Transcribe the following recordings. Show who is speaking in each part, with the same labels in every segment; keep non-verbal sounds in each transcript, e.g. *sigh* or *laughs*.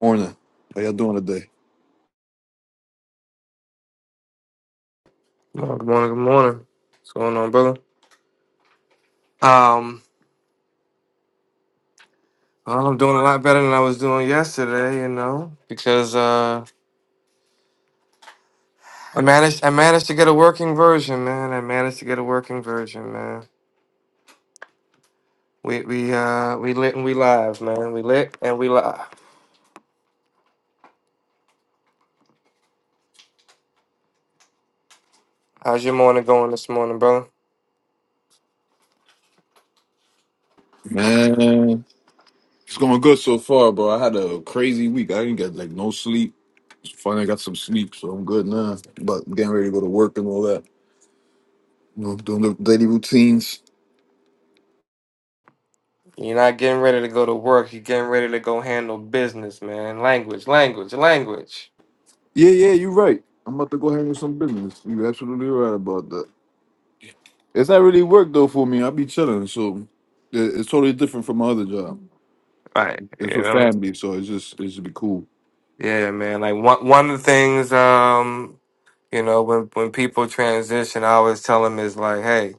Speaker 1: Morning. How y'all doing today?
Speaker 2: Oh, Good morning, good morning. What's going on, brother? Um, well, I'm doing a lot better than I was doing yesterday, you know, because uh, I managed I managed to get a working version, man. I managed to get a working version, man. We we uh we lit and we live, man. We lit and we live. How's your morning going this morning, brother?
Speaker 1: Man, it's going good so far, bro. I had a crazy week. I didn't get like no sleep. Finally got some sleep, so I'm good now. But I'm getting ready to go to work and all that. You know, doing the daily routines.
Speaker 2: You're not getting ready to go to work. You're getting ready to go handle business, man. Language, language, language.
Speaker 1: Yeah, yeah, you're right. I'm about to go handle some business. You're absolutely right about that. It's not really work though for me. I be chilling, so it- it's totally different from my other job.
Speaker 2: Right,
Speaker 1: It's
Speaker 2: you
Speaker 1: with
Speaker 2: know.
Speaker 1: family, so it's just it should be cool.
Speaker 2: Yeah, man. Like one one of the things. Um, You know, when when people transition, I always tell them is like, hey,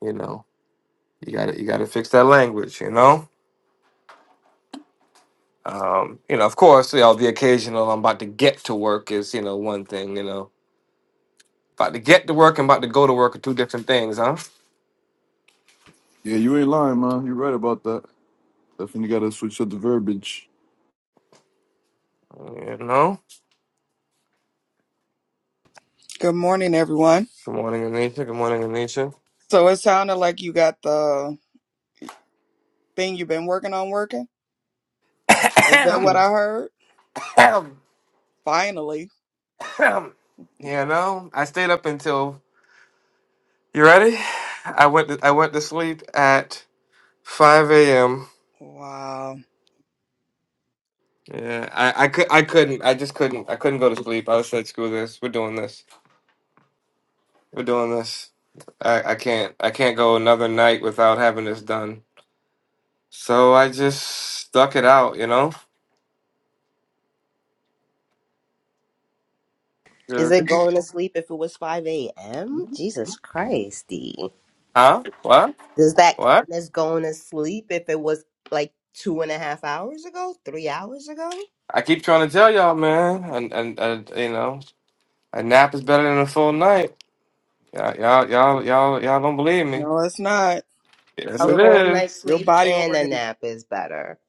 Speaker 2: you know, you gotta you gotta fix that language. You know, um, you know, of course, you know, the occasional I'm about to get to work is you know one thing. You know, about to get to work and about to go to work are two different things, huh?
Speaker 1: Yeah, you ain't lying, man. You're right about that. Definitely gotta switch up the verbiage.
Speaker 2: You know.
Speaker 3: Good morning, everyone.
Speaker 2: Good morning, Anisha. Good morning, Anisha.
Speaker 3: So it sounded like you got the thing you've been working on working.
Speaker 2: *coughs*
Speaker 3: Is that what
Speaker 2: Ahem,
Speaker 3: I heard?
Speaker 2: ahem,
Speaker 3: Finally.
Speaker 2: ahem. you know, I stayed up until you ready. I went to, I went to sleep at 5 a.m.
Speaker 3: Wow.
Speaker 2: Yeah, I, I could I couldn't I just couldn't I couldn't go to sleep. I was like, screw this. We're doing this. We're doing this. I, I can't I can't go another night without having this done. So I just stuck it out, you know?
Speaker 4: Is
Speaker 2: Yeah.
Speaker 4: it going to sleep if it was 5 a.m.? Jesus Christ, D.
Speaker 2: Huh? What?
Speaker 4: Does that count
Speaker 2: What?
Speaker 4: as going to sleep if it was like two and a half hours ago, three hours ago?
Speaker 2: I keep trying to tell y'all, man. And and and you know, a nap is better than a full night. Y'all y'all y'all y'all, y'all don't believe me.
Speaker 3: No, it's not.
Speaker 2: Yes,
Speaker 4: A
Speaker 2: it
Speaker 3: Your
Speaker 4: full
Speaker 2: is.
Speaker 4: night's
Speaker 3: your
Speaker 4: sleep
Speaker 3: body
Speaker 4: and a
Speaker 3: organ.
Speaker 4: nap is better.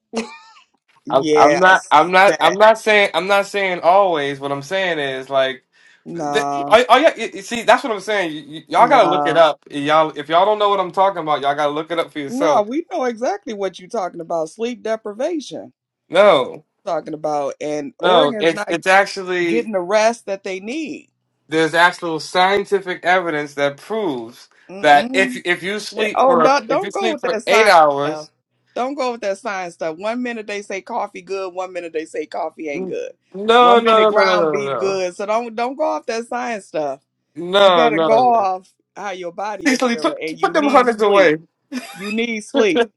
Speaker 2: I'm I'm not
Speaker 3: Yes.
Speaker 2: I'm not I'm
Speaker 3: That.
Speaker 2: not saying I'm not saying always. What I'm saying is like, the,
Speaker 3: Nah.
Speaker 2: all, all you, you- see that's what I'm saying. You, you- y'all gotta look it
Speaker 3: Nah.
Speaker 2: up. Y'all if y'all don't know what I'm talking about, y'all gotta look it up for
Speaker 3: no.
Speaker 2: yourself.
Speaker 3: We know exactly what you're talking about. Sleep deprivation.
Speaker 2: No,
Speaker 3: Talking about and
Speaker 2: no,
Speaker 3: organs
Speaker 2: it's
Speaker 3: not
Speaker 2: it's actually
Speaker 3: getting the rest that they need.
Speaker 2: there's actual scientific evidence that proves that
Speaker 3: Mm-mm.
Speaker 2: if if you sleep
Speaker 3: Oh,
Speaker 2: for
Speaker 3: don't
Speaker 2: if you
Speaker 3: don't go
Speaker 2: sleep
Speaker 3: with
Speaker 2: for
Speaker 3: that
Speaker 2: eight
Speaker 3: science
Speaker 2: hours,
Speaker 3: stuff. Don't go with that science stuff. One minute they say coffee good, one minute they say coffee ain't
Speaker 2: n-
Speaker 3: good.
Speaker 2: no
Speaker 3: One minute
Speaker 2: no no no
Speaker 3: ground beef
Speaker 2: no
Speaker 3: good. So don't don't go off that science stuff. You
Speaker 2: no no no
Speaker 3: better go
Speaker 2: no. *laughs* no.
Speaker 3: off how your body is
Speaker 2: Cecily, put
Speaker 3: feeling, and
Speaker 2: put
Speaker 3: you
Speaker 2: them
Speaker 3: need
Speaker 2: hundreds
Speaker 3: sleep.
Speaker 2: away.
Speaker 3: You need sleep.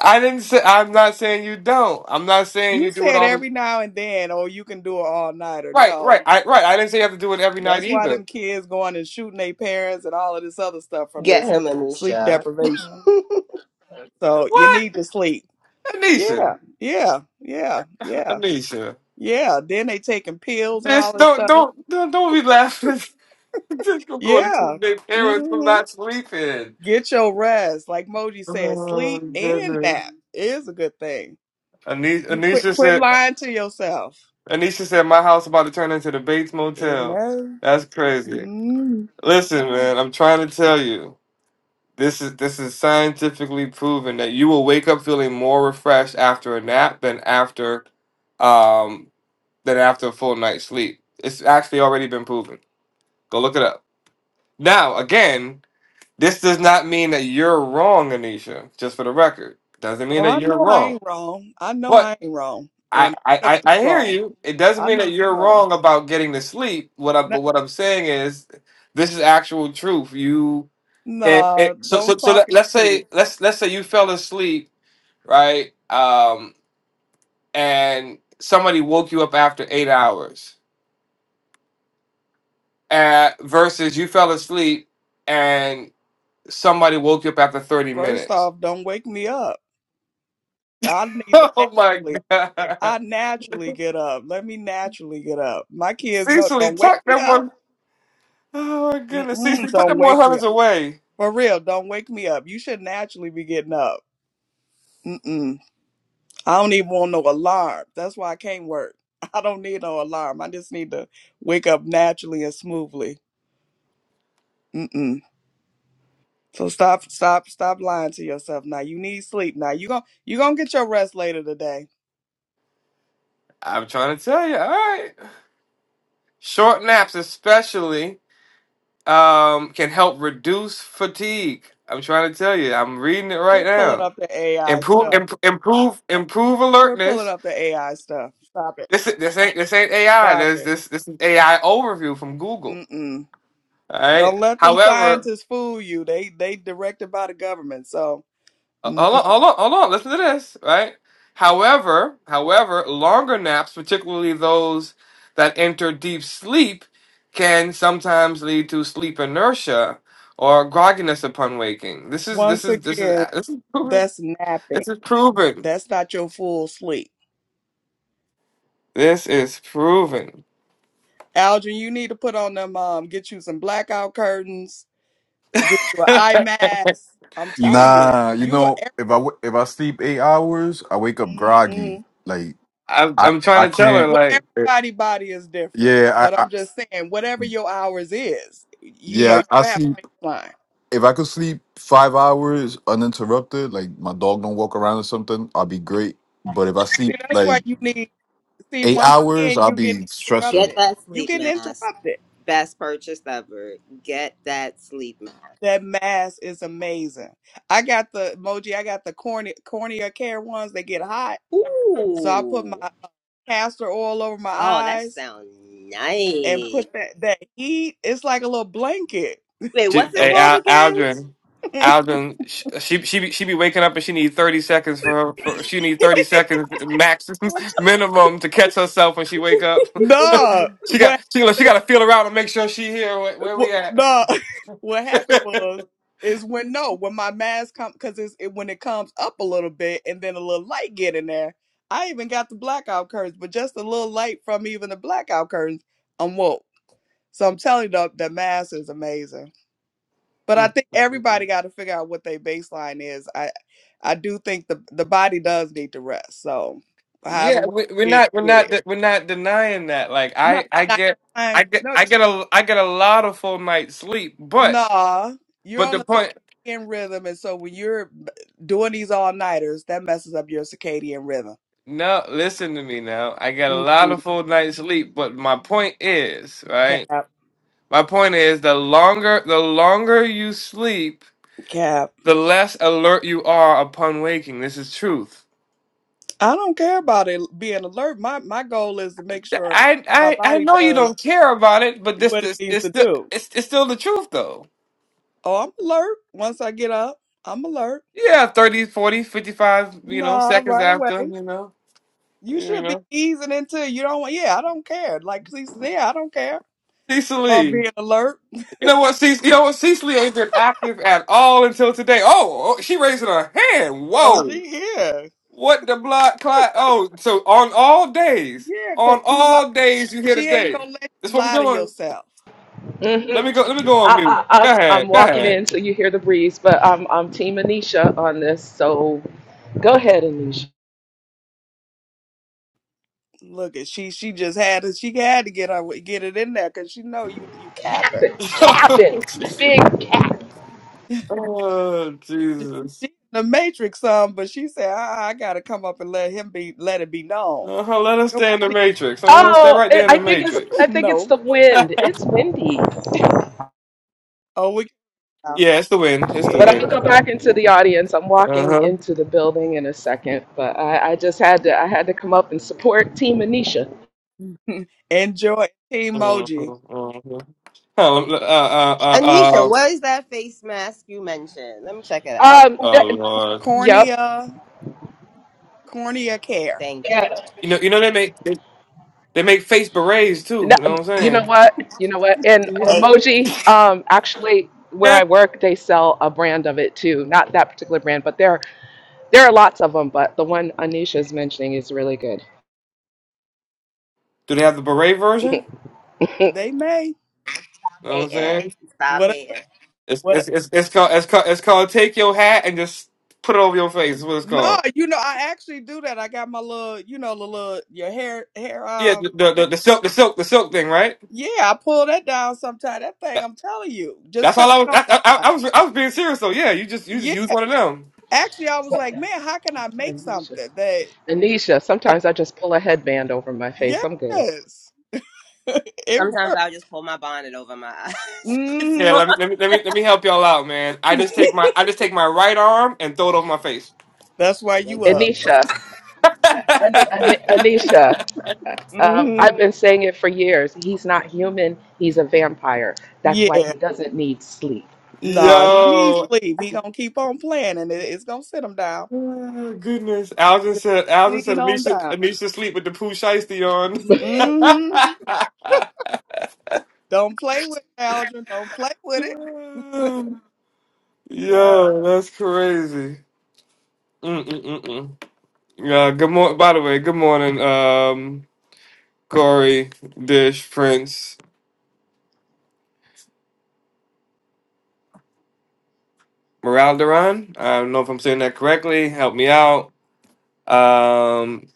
Speaker 2: I didn't say. I'm not saying you don't. I'm not saying you
Speaker 3: You
Speaker 2: do it
Speaker 3: said
Speaker 2: all the
Speaker 3: every now and then, oh, you can do it all night, or
Speaker 2: right, right,
Speaker 3: no.
Speaker 2: I, right. I didn't say you have to do it every night
Speaker 3: That's why
Speaker 2: either.
Speaker 3: them kids going and shooting their parents and all of this other stuff from
Speaker 4: Get
Speaker 3: this
Speaker 4: him,
Speaker 3: sleep
Speaker 4: Anisha.
Speaker 3: deprivation.
Speaker 4: *laughs*
Speaker 3: So you
Speaker 2: What,
Speaker 3: need to sleep.
Speaker 2: Anisha?
Speaker 3: Yeah, yeah, yeah, yeah,
Speaker 2: Anisha,
Speaker 3: yeah. Then they taking pills and all
Speaker 2: bitch,
Speaker 3: this
Speaker 2: don't,
Speaker 3: stuff.
Speaker 2: don't, don't, don't be laughing. *laughs* Just go go to
Speaker 3: Yeah.
Speaker 2: sleep. Their parents from
Speaker 3: hmm
Speaker 2: not sleeping.
Speaker 3: Get your rest. Like Moji said,
Speaker 2: Oh
Speaker 3: sleep and
Speaker 2: goodness.
Speaker 3: nap is a good thing.
Speaker 2: Anisha,
Speaker 3: You quit
Speaker 2: Anisha
Speaker 3: quit
Speaker 2: said.
Speaker 3: lying to yourself.
Speaker 2: Anisha said my house about to turn into the Bates
Speaker 3: It
Speaker 2: Motel.
Speaker 3: knows.
Speaker 2: That's crazy.
Speaker 3: Mm.
Speaker 2: Listen, man, I'm trying to tell you. This is this is scientifically proven that you will wake up feeling more refreshed after a nap than after um than after a full night's sleep. It's actually already been proven. Go look it up. Now, again, this does not mean that you're wrong, Anisha, just for the record. Doesn't mean
Speaker 3: Oh,
Speaker 2: that
Speaker 3: I
Speaker 2: you're
Speaker 3: know I
Speaker 2: wrong.
Speaker 3: ain't wrong. I know
Speaker 2: But
Speaker 3: I ain't wrong.
Speaker 2: I,
Speaker 3: And
Speaker 2: I,
Speaker 3: I know
Speaker 2: I
Speaker 3: you
Speaker 2: I hear
Speaker 3: wrong.
Speaker 2: you. It doesn't
Speaker 3: I
Speaker 2: mean
Speaker 3: know
Speaker 2: that you're
Speaker 3: you wrong.
Speaker 2: wrong about getting to sleep. What I
Speaker 3: N-
Speaker 2: but what I'm saying is this is actual truth. You and, and
Speaker 3: Nah,
Speaker 2: so,
Speaker 3: don't
Speaker 2: so, so
Speaker 3: talk
Speaker 2: let,
Speaker 3: in
Speaker 2: let's
Speaker 3: truth.
Speaker 2: say let's let's say you fell asleep, right? Um, and somebody woke you up after eight hours, uh, versus you fell asleep and somebody woke you up after thirty
Speaker 3: First
Speaker 2: minutes.
Speaker 3: off, don't wake me up. I need the
Speaker 2: *laughs* Oh my
Speaker 3: nap.
Speaker 2: God,
Speaker 3: I naturally get up. Let me naturally get up. My kids know,
Speaker 2: Cecily,
Speaker 3: don't wake
Speaker 2: tuck
Speaker 3: me
Speaker 2: that
Speaker 3: up.
Speaker 2: one. Oh my goodness,
Speaker 3: Mm-mm,
Speaker 2: Cecily, put
Speaker 3: don't
Speaker 2: them one
Speaker 3: wake me
Speaker 2: hundreds
Speaker 3: up.
Speaker 2: away.
Speaker 3: For real, don't wake me up. You should naturally be getting up. Mm-mm. I don't even want no alarm. That's why I can't work. *laughs* I don't need no alarm. I just need to wake up naturally and smoothly. Mm-mm. So stop, stop, stop lying to yourself now. You need sleep now. You gon' you gonna get your rest later today.
Speaker 2: I'm trying to tell you. All right, short naps especially um, can help reduce fatigue. I'm trying to tell you. I'm reading it right
Speaker 3: Quit pulling
Speaker 2: now.
Speaker 3: up the AI
Speaker 2: Improve,
Speaker 3: stuff.
Speaker 2: imp- improve, improve
Speaker 3: Quit pulling
Speaker 2: alertness.
Speaker 3: up the AI stuff. Stop it.
Speaker 2: This this ain't this ain't AI.
Speaker 3: Stop
Speaker 2: This
Speaker 3: it.
Speaker 2: this this is AI overview from Google.
Speaker 3: Mm-mm.
Speaker 2: All right.
Speaker 3: Don't let them
Speaker 2: However,
Speaker 3: scientists fool you. They they directed by the government. So
Speaker 2: uh,
Speaker 3: n-
Speaker 2: hold on, hold on, hold on. Listen to this. Right. However, however, longer naps, particularly those that enter deep sleep, can sometimes lead to sleep inertia or grogginess upon waking. This is this
Speaker 3: once
Speaker 2: is this is
Speaker 3: again,
Speaker 2: this is proven.
Speaker 3: that's napping.
Speaker 2: This is proven.
Speaker 3: That's not your full sleep.
Speaker 2: This is proven.
Speaker 3: Algin, you need to put on them. Um, get you some blackout curtains. Get you
Speaker 2: *laughs*
Speaker 3: an eye mask. I'm telling you,
Speaker 1: Nah, you
Speaker 3: you go.
Speaker 1: know, if I w- if I sleep eight hours, I wake up groggy.
Speaker 3: mm
Speaker 1: Like
Speaker 2: I'm
Speaker 1: I
Speaker 2: I'm
Speaker 1: I
Speaker 2: trying to tell her
Speaker 1: can't.
Speaker 3: Well,
Speaker 2: like.
Speaker 1: eh,
Speaker 3: everybody body is different,
Speaker 1: Yeah,
Speaker 3: but
Speaker 1: I, I
Speaker 3: I'm just saying, whatever your hours is, you know,
Speaker 1: yeah
Speaker 3: you
Speaker 1: I
Speaker 3: have
Speaker 1: sleep.
Speaker 3: a baseline.
Speaker 1: If I could sleep five hours uninterrupted, like my dog don't walk around or something, I'll be great. But if I sleep
Speaker 3: See, that's
Speaker 1: like
Speaker 3: why you need. See,
Speaker 1: eight
Speaker 3: once
Speaker 1: hours,
Speaker 3: again,
Speaker 1: I'll
Speaker 3: you get
Speaker 1: be stressing.
Speaker 4: Get
Speaker 3: interrupted.
Speaker 4: that
Speaker 3: You
Speaker 4: sleep
Speaker 3: getting
Speaker 4: mask.
Speaker 3: interrupted.
Speaker 4: Best purchase ever. Get that sleep mask.
Speaker 3: That mask is amazing. I got the emoji. I got the corny, cornea care ones. They get hot, so I put my
Speaker 4: Ooh.
Speaker 3: uh, castor oil over my
Speaker 4: Oh, that
Speaker 3: eyes
Speaker 4: sounds
Speaker 3: and
Speaker 4: nice.
Speaker 3: put that that heat. It's like a little blanket.
Speaker 4: Wait,
Speaker 2: She,
Speaker 4: what's it
Speaker 2: hey,
Speaker 4: called
Speaker 3: Amazing.
Speaker 2: Al,
Speaker 4: again?
Speaker 2: Aldrin, Aldrin, sh- she she be, she be waking up and she need thirty seconds for her. For, she need thirty seconds max *laughs* minimum to catch herself when she wake up.
Speaker 3: *laughs*
Speaker 2: *laughs*
Speaker 3: no,
Speaker 2: she got
Speaker 3: what,
Speaker 2: she look, she got to feel around and make sure she here. Where, where we
Speaker 3: what?
Speaker 2: at?
Speaker 3: No, *laughs* what happened
Speaker 2: *laughs*
Speaker 3: was is when no, when my mask come because it's it, when it comes up a little bit and then a little light get in there. I even got the blackout curtains, but just a little light from even the blackout curtains. I'm woke. So I'm telling you, the, the mass is amazing. But I
Speaker 2: Mm,
Speaker 3: think
Speaker 2: mm, mm,
Speaker 3: everybody
Speaker 2: mm.
Speaker 3: got to figure out what their baseline is. I I do think the the body does need to rest. So however
Speaker 2: yeah,
Speaker 3: way
Speaker 2: we, we're
Speaker 3: you get it,
Speaker 2: not we're
Speaker 3: get
Speaker 2: not
Speaker 3: it.
Speaker 2: de- we're not denying that. Like
Speaker 3: No,
Speaker 2: I I get I
Speaker 3: nighttime.
Speaker 2: get
Speaker 3: No,
Speaker 2: I get a I get a lot of full night's sleep, but.
Speaker 3: nah. You're
Speaker 2: But
Speaker 3: on
Speaker 2: the
Speaker 3: a
Speaker 2: point
Speaker 3: circadian rhythm, and so when you're b- doing these all nighters, that messes up your circadian rhythm.
Speaker 2: No, listen to me now. I got a lot
Speaker 3: Mm-mm,
Speaker 2: of full night's sleep, but my point is, right?
Speaker 3: cap,
Speaker 2: My point is the longer the longer you sleep,
Speaker 3: cap.
Speaker 2: the less alert you are upon waking. This is truth.
Speaker 3: I don't care about it being alert. My my goal is to make sure
Speaker 2: I
Speaker 3: my
Speaker 2: I I
Speaker 3: body
Speaker 2: know you
Speaker 3: does
Speaker 2: don't care about it, but this
Speaker 3: what it
Speaker 2: this
Speaker 3: needs
Speaker 2: it's
Speaker 3: to
Speaker 2: still
Speaker 3: do.
Speaker 2: it's, it's still the truth though.
Speaker 3: Oh, I'm alert. Once I get up, I'm alert.
Speaker 2: Yeah, 30, 40, 55. you know,
Speaker 3: Nah,
Speaker 2: seconds
Speaker 3: right
Speaker 2: after,
Speaker 3: away.
Speaker 2: you know,
Speaker 3: You
Speaker 2: you
Speaker 3: should be
Speaker 2: know.
Speaker 3: easing into it. You don't want, yeah, I don't care. Like she said, yeah, I don't care about
Speaker 2: Cecily.
Speaker 3: being alert.
Speaker 2: You know what, Cecily, you know what, Cecily ain't been active at all until today. Oh, oh, she raising her hand.
Speaker 3: Oh,
Speaker 2: Whoa.
Speaker 3: she here.
Speaker 2: What the blood clot? Oh, so on all days,
Speaker 3: Yeah, cause
Speaker 2: on
Speaker 3: you li-
Speaker 2: all days you here
Speaker 3: she ain't
Speaker 2: today.
Speaker 3: gonna let
Speaker 2: That's
Speaker 3: you
Speaker 2: what we're
Speaker 3: lie to
Speaker 2: doing.
Speaker 3: yourself.
Speaker 2: Let
Speaker 5: hmm
Speaker 2: me go. Let me go on mute.
Speaker 5: I, I,
Speaker 2: Go
Speaker 5: I'm, I'm
Speaker 2: ahead. Go
Speaker 5: walking
Speaker 2: ahead.
Speaker 5: in, so you hear the breeze, but I'm, I'm Team Anisha on this. So go ahead, Anisha.
Speaker 3: Look at she she just had to she had to get her get it in there cause she know you you
Speaker 5: Cap
Speaker 3: capping.
Speaker 5: it,
Speaker 2: *laughs*
Speaker 5: cap it, big cap.
Speaker 3: *laughs*
Speaker 2: oh
Speaker 3: She in
Speaker 2: Jesus.
Speaker 3: the matrix some, but she said, I, I gotta come up and let him be let it be known.
Speaker 2: Uh huh. Let us
Speaker 3: Your
Speaker 2: stay in the
Speaker 3: body
Speaker 2: matrix. Uh huh. Stay
Speaker 5: Oh,
Speaker 2: right
Speaker 5: it,
Speaker 2: there in the
Speaker 5: I think it's I
Speaker 3: *laughs*
Speaker 2: matrix.
Speaker 5: think it's
Speaker 3: no.
Speaker 5: the
Speaker 2: *laughs* yeah,
Speaker 5: wind. It's windy,
Speaker 3: Oh we
Speaker 2: it's the wind. It's the
Speaker 5: but
Speaker 3: yeah.
Speaker 5: I'm gonna
Speaker 2: wind.
Speaker 5: go back into the audience. I'm
Speaker 2: Uh
Speaker 5: walking
Speaker 2: huh.
Speaker 5: into the building in a second, but I, I just had to I had to come up and support Team Anisha.
Speaker 3: *laughs* Enjoy
Speaker 2: Uh
Speaker 3: emoji.
Speaker 2: huh. Uh huh. Oh, uh, uh, uh, uh,
Speaker 4: Anisha, what is that face mask you mentioned? Let me check it
Speaker 3: A
Speaker 5: Um,
Speaker 4: out.
Speaker 2: oh
Speaker 5: that,
Speaker 2: Lord.
Speaker 5: yep,
Speaker 3: cornea, cornea care.
Speaker 4: Thank you.
Speaker 2: You know, you know they make they, they make face berets too.
Speaker 5: No,
Speaker 2: You know what
Speaker 5: you know
Speaker 2: I'm saying?
Speaker 5: what? You know what? And
Speaker 4: You hate
Speaker 5: emoji, um, actually, where I work, they sell a brand of it too. Not that particular brand, but there, there are lots of them. But the one Anisha is mentioning is really good.
Speaker 2: *laughs* Do they have the beret version?
Speaker 3: They may.
Speaker 2: You know what I'm
Speaker 4: hating.
Speaker 2: saying?
Speaker 4: Stop
Speaker 3: What?
Speaker 4: hating.
Speaker 2: It's it's
Speaker 3: What?
Speaker 2: it's, it's called it's called it's called take your hat and just put it over your face. Is what it's
Speaker 3: No,
Speaker 2: called.
Speaker 3: you know, I actually do that. I got my little, you know, the little your hair, hair.
Speaker 2: Yeah,
Speaker 3: Um,
Speaker 2: the the,
Speaker 3: thing.
Speaker 2: the, the silk the silk the silk thing, right?
Speaker 3: yeah, I pull that down sometime. That thing,
Speaker 2: That,
Speaker 3: I'm telling you, just
Speaker 2: that's
Speaker 3: coming
Speaker 2: all I was.
Speaker 3: on the
Speaker 2: I, I,
Speaker 3: eye.
Speaker 2: I was I was being serious though. Yeah, you just you just
Speaker 3: Yeah,
Speaker 2: use one of them.
Speaker 3: actually, I was
Speaker 5: So,
Speaker 3: like, man, how can I make
Speaker 5: Anisha,
Speaker 3: something that?
Speaker 5: Anisha. Sometimes I just pull a headband over my face. I'm good.
Speaker 3: Yes, *laughs* it
Speaker 4: Sometimes
Speaker 3: works.
Speaker 4: I'll just pull my bonnet over my eyes. *laughs*
Speaker 2: Yeah,
Speaker 3: hmm
Speaker 2: let me let me let me let me help y'all out, man. I just
Speaker 3: *laughs*
Speaker 2: take my I just take my right arm and throw it over my face.
Speaker 3: That's why you up.
Speaker 4: exactly.
Speaker 5: Anisha, An- An- Anisha. uh, Um,
Speaker 3: hmm
Speaker 5: I've been saying it for years. He's not human. He's a vampire. That's why
Speaker 3: Yeah.
Speaker 5: he doesn't need sleep.
Speaker 3: Nah, he needs
Speaker 2: Yo. *laughs*
Speaker 3: sleep. He gonna keep on playing, and it, it's gonna sit him down.
Speaker 2: Oh, goodness, Alvin
Speaker 3: Sit
Speaker 2: said. Alvin said
Speaker 3: Clean on
Speaker 2: Anisha.
Speaker 3: down.
Speaker 2: Anisha sleep with the poo shiesty on.
Speaker 3: Mm-hmm. Don't play with it, Aldrin. Don't play with it. *laughs*
Speaker 2: *laughs*
Speaker 3: yeah,
Speaker 2: Yo, that's crazy. mm mm mm Yeah, good morning. By the way, good morning, um, Corey, Dish, Prince, Moraldaron. I don't know if I'm saying that correctly. Help me out. Um,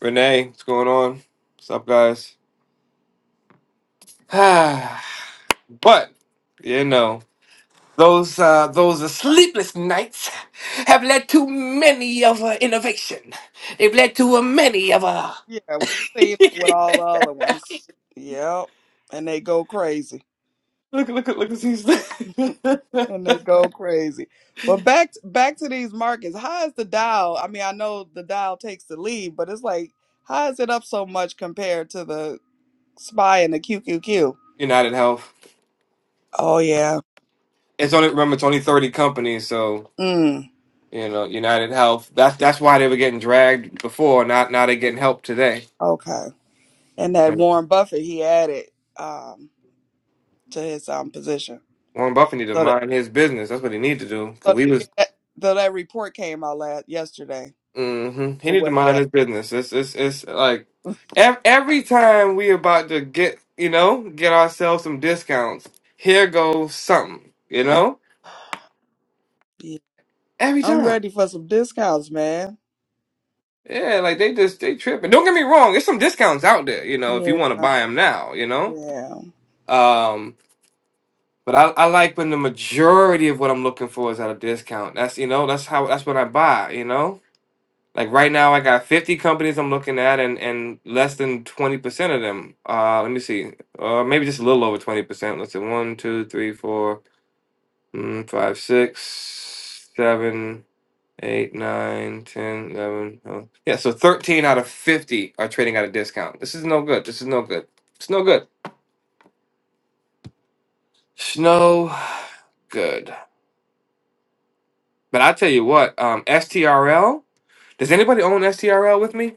Speaker 2: Renee, what's going on? What's up, guys? *sighs* but, you know, those uh, those sleepless nights have led to many of uh, innovation. They've led to a many of uh,
Speaker 3: yeah. We see that with all the other ones. Yep, and they go crazy,
Speaker 2: look, look, look, at look at these.
Speaker 3: *laughs* and they go crazy. But back to, back to these markets. How is the Dow? I mean, I know the Dow takes the lead, but it's like how is it up so much compared to the SPY and the QQQ?
Speaker 2: *laughs* United Health.
Speaker 3: Oh yeah.
Speaker 2: It's only remember it's only thirty companies, so
Speaker 3: Mm.
Speaker 2: you know United Health. That's that's why they were getting dragged before. Not now they're getting help today.
Speaker 3: Okay. and that
Speaker 2: You know,
Speaker 3: Warren Buffett he added um, to his um, position.
Speaker 2: Warren Buffett need to
Speaker 3: So that
Speaker 2: mind his business. That's what he need to do. Cause
Speaker 3: so
Speaker 2: we
Speaker 3: yeah,
Speaker 2: was
Speaker 3: that, so that report came out last yesterday
Speaker 2: hmm he
Speaker 3: with
Speaker 2: need to
Speaker 3: what he
Speaker 2: mind
Speaker 3: had.
Speaker 2: his business. It's it's it's like ev- every time we about to get you know get ourselves some discounts, here goes something. You know,
Speaker 3: Yeah.
Speaker 2: every
Speaker 3: I'm
Speaker 2: time.
Speaker 3: ready for some discounts, man.
Speaker 2: Yeah, like they just they tripping. Don't get me wrong. There's some discounts out there. You know, if you
Speaker 3: Yeah,
Speaker 2: want to buy them now. You know.
Speaker 3: yeah,
Speaker 2: Um, But I, I like when the majority of what I'm looking for is at a discount. That's you know, that's how that's when I buy, you know? Like right now I got 50 companies I'm looking at and and less than 20% of them. Uh let me see. Uh maybe just a little over 20%. Let's see. One, two, three, four, mm, five, six, seven, eight, nine, ten, eleven. oh. Yeah, so 13 out of 50 are trading at a discount. This is no good. This is no good. It's no good. It's no *sighs* good. But I tell you what, um, STRL. Does anybody own STRL with me?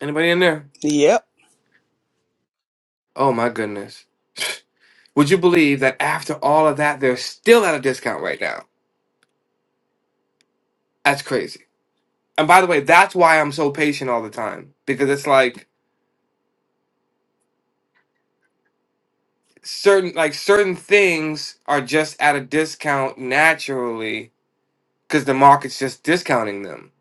Speaker 2: Anybody in there?
Speaker 3: yep.
Speaker 2: Oh my goodness. *sighs* *laughs* Would you believe that after all of that, they're still at a discount right now? That's crazy. And by the way, that's why I'm so patient all the time because it's like certain like certain things are just at a discount naturally because the market's just discounting them.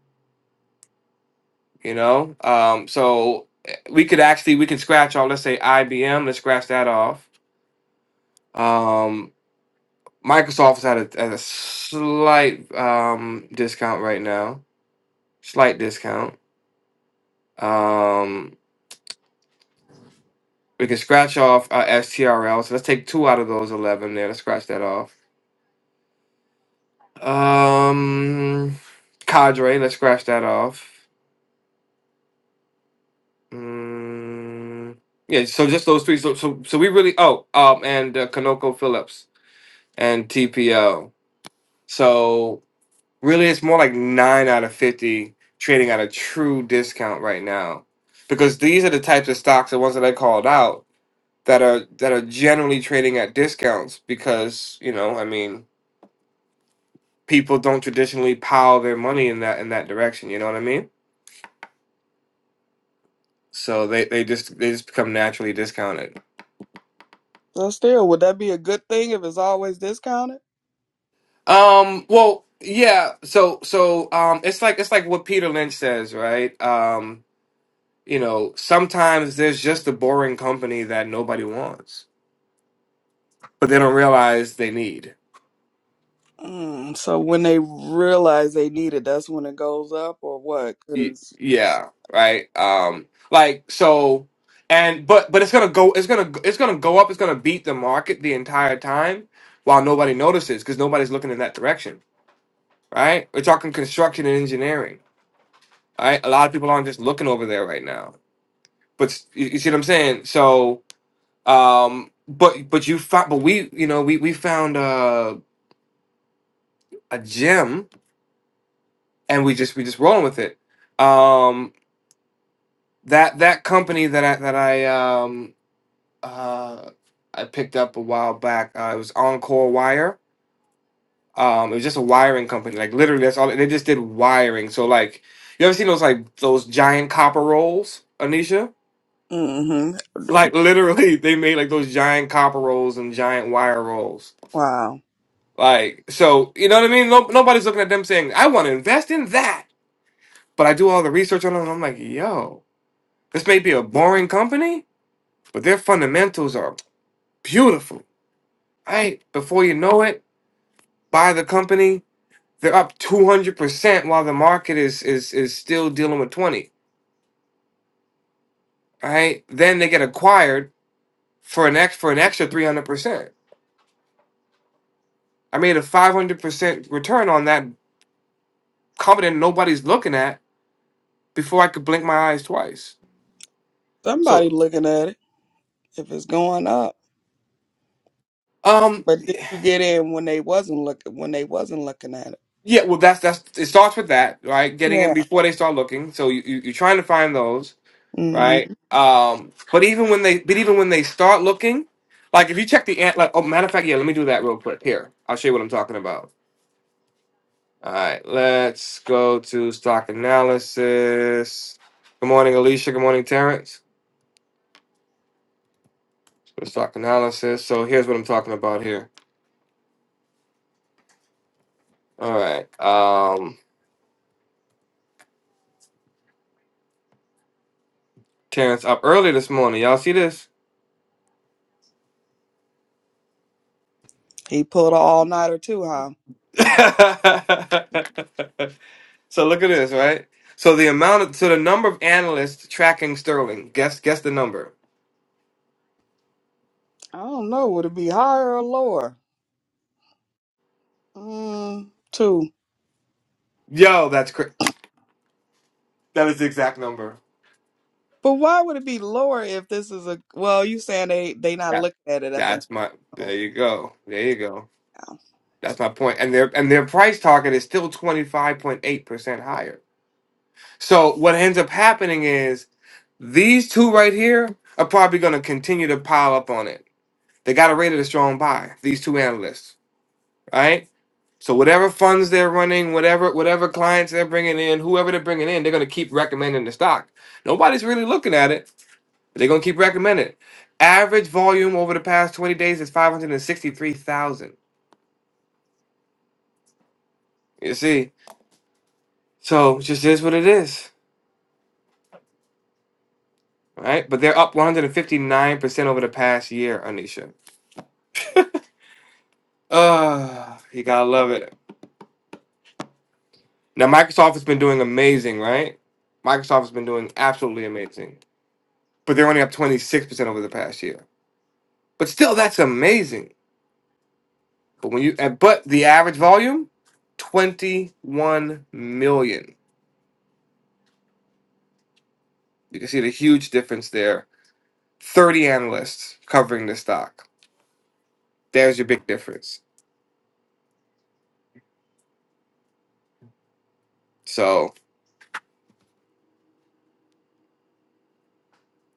Speaker 2: You know, um, so eh, we could actually we could scratch all. Let's say IBM. Let's scratch that off. Um, Microsoft is at a, at a slight um, discount right now, slight discount. Um, we can scratch off uh, STRL. So let's take two out of those eleven there. Let's scratch that off. Um, Cadre. Let's scratch that off. Mm, yeah. So just those three. So so so we really. Oh, um, and uh, Kanoko Phillips and TPO. So Really, it's more like nine out of fifty trading at a true discount right now, because these are the types of stocks, the ones that I called out, that are that are generally trading at discounts. Because you know, I mean, people don't traditionally pile their money in that in that direction. You know what I mean? So they they just they just become naturally discounted.
Speaker 3: So still, would that be a good thing if it's always discounted?
Speaker 2: Um. Well, yeah. So so um, it's like it's like what Peter Lynch says, right? Um. You know, sometimes there's just a boring company that nobody wants but they don't realize they need.
Speaker 3: Mm, so when they realize they need it, that's when it goes up, or what?
Speaker 2: Y-
Speaker 3: Because,
Speaker 2: Yeah, right. Um, like so, and but but it's gonna go. It's gonna it's gonna go up. It's gonna beat the market the entire time while nobody notices because nobody's looking in that direction, right? We're talking construction and engineering, right? A lot of people aren't just looking over there right now. But s- you, you see what I'm saying? So, um, but but you found, but we you know we we found uh, a gem and we just we just rolling with it. Um, that that company that I that I um uh I picked up a while back. Uh, it was Encore Wire. Um, it was just a wiring company. Like literally, that's all. They just did wiring. So like, you ever seen those like those giant copper rolls, Anisha?
Speaker 3: mm-hmm.
Speaker 2: Like literally, *laughs* they made like those giant copper rolls and giant wire rolls.
Speaker 3: Wow,
Speaker 2: Like so, you know what I mean? No, nobody's looking at them saying, "I want to invest in that," but I do all the research on them. And I'm like, yo, this may be a boring company, but their fundamentals are beautiful Right before you know it, buy the company. They're up two hundred percent while the market is is is still dealing with twenty. All Right then they get acquired for an ex for an extra three hundred percent. I made a five hundred percent return on that company that nobody's looking at before I could blink my eyes twice.
Speaker 3: somebody
Speaker 2: So
Speaker 3: looking at it if it's going up.
Speaker 2: um
Speaker 3: But did you get in when they wasn't looking when they wasn't looking at it?
Speaker 2: yeah, well that's that's it starts with that right getting in
Speaker 3: Yeah.
Speaker 2: before they start looking. So you, you you're trying to find those.
Speaker 3: Mm.
Speaker 2: right? Um, but even when they, but even when they start looking, like if you check the ant, like oh, matter of fact, yeah, let me do that real quick. Here, I'll show you what I'm talking about. All right, let's go to stock analysis. Good morning, Alicia. Good morning, Terrence. Go to stock analysis. So here's what I'm talking about here. All right, um, Terrence up early this morning. Y'all see this?
Speaker 3: He pulled an all nighter too, huh?
Speaker 2: *laughs* so look at this, right? So the amount of, so the number of analysts tracking Sterling. Guess guess the number.
Speaker 3: I don't know. Would it be higher or lower? Mm, two.
Speaker 2: Yo, that's cr- that is the exact number.
Speaker 3: But why would it be lower if this is a well? You saying they they not
Speaker 2: That
Speaker 3: looking at it at the
Speaker 2: that's my. There
Speaker 3: moment?
Speaker 2: you go. There you go. That's my point. And their and their price target is still twenty five point eight percent higher. So what ends up happening is these two right here are probably going to continue to pile up on it. They got to rate it rated a strong buy. These two analysts, right? So whatever funds they're running, whatever whatever clients they're bringing in, whoever they're bringing in, they're going to keep recommending the stock. Nobody's really looking at it They're gonna keep recommending. it. Average volume over the past 20 days is 563,000. You see, so it just is what it is, right? But they're up 159% over the past year, Anisha. Uh, you gotta love it. Now Microsoft has been doing amazing, right? Microsoft has been doing absolutely amazing, but they're only up 26% over the past year. But still, that's amazing. But when you, uh, but the average volume, 21 million. You can see the huge difference there 30 analysts covering the stock. There's your big difference. So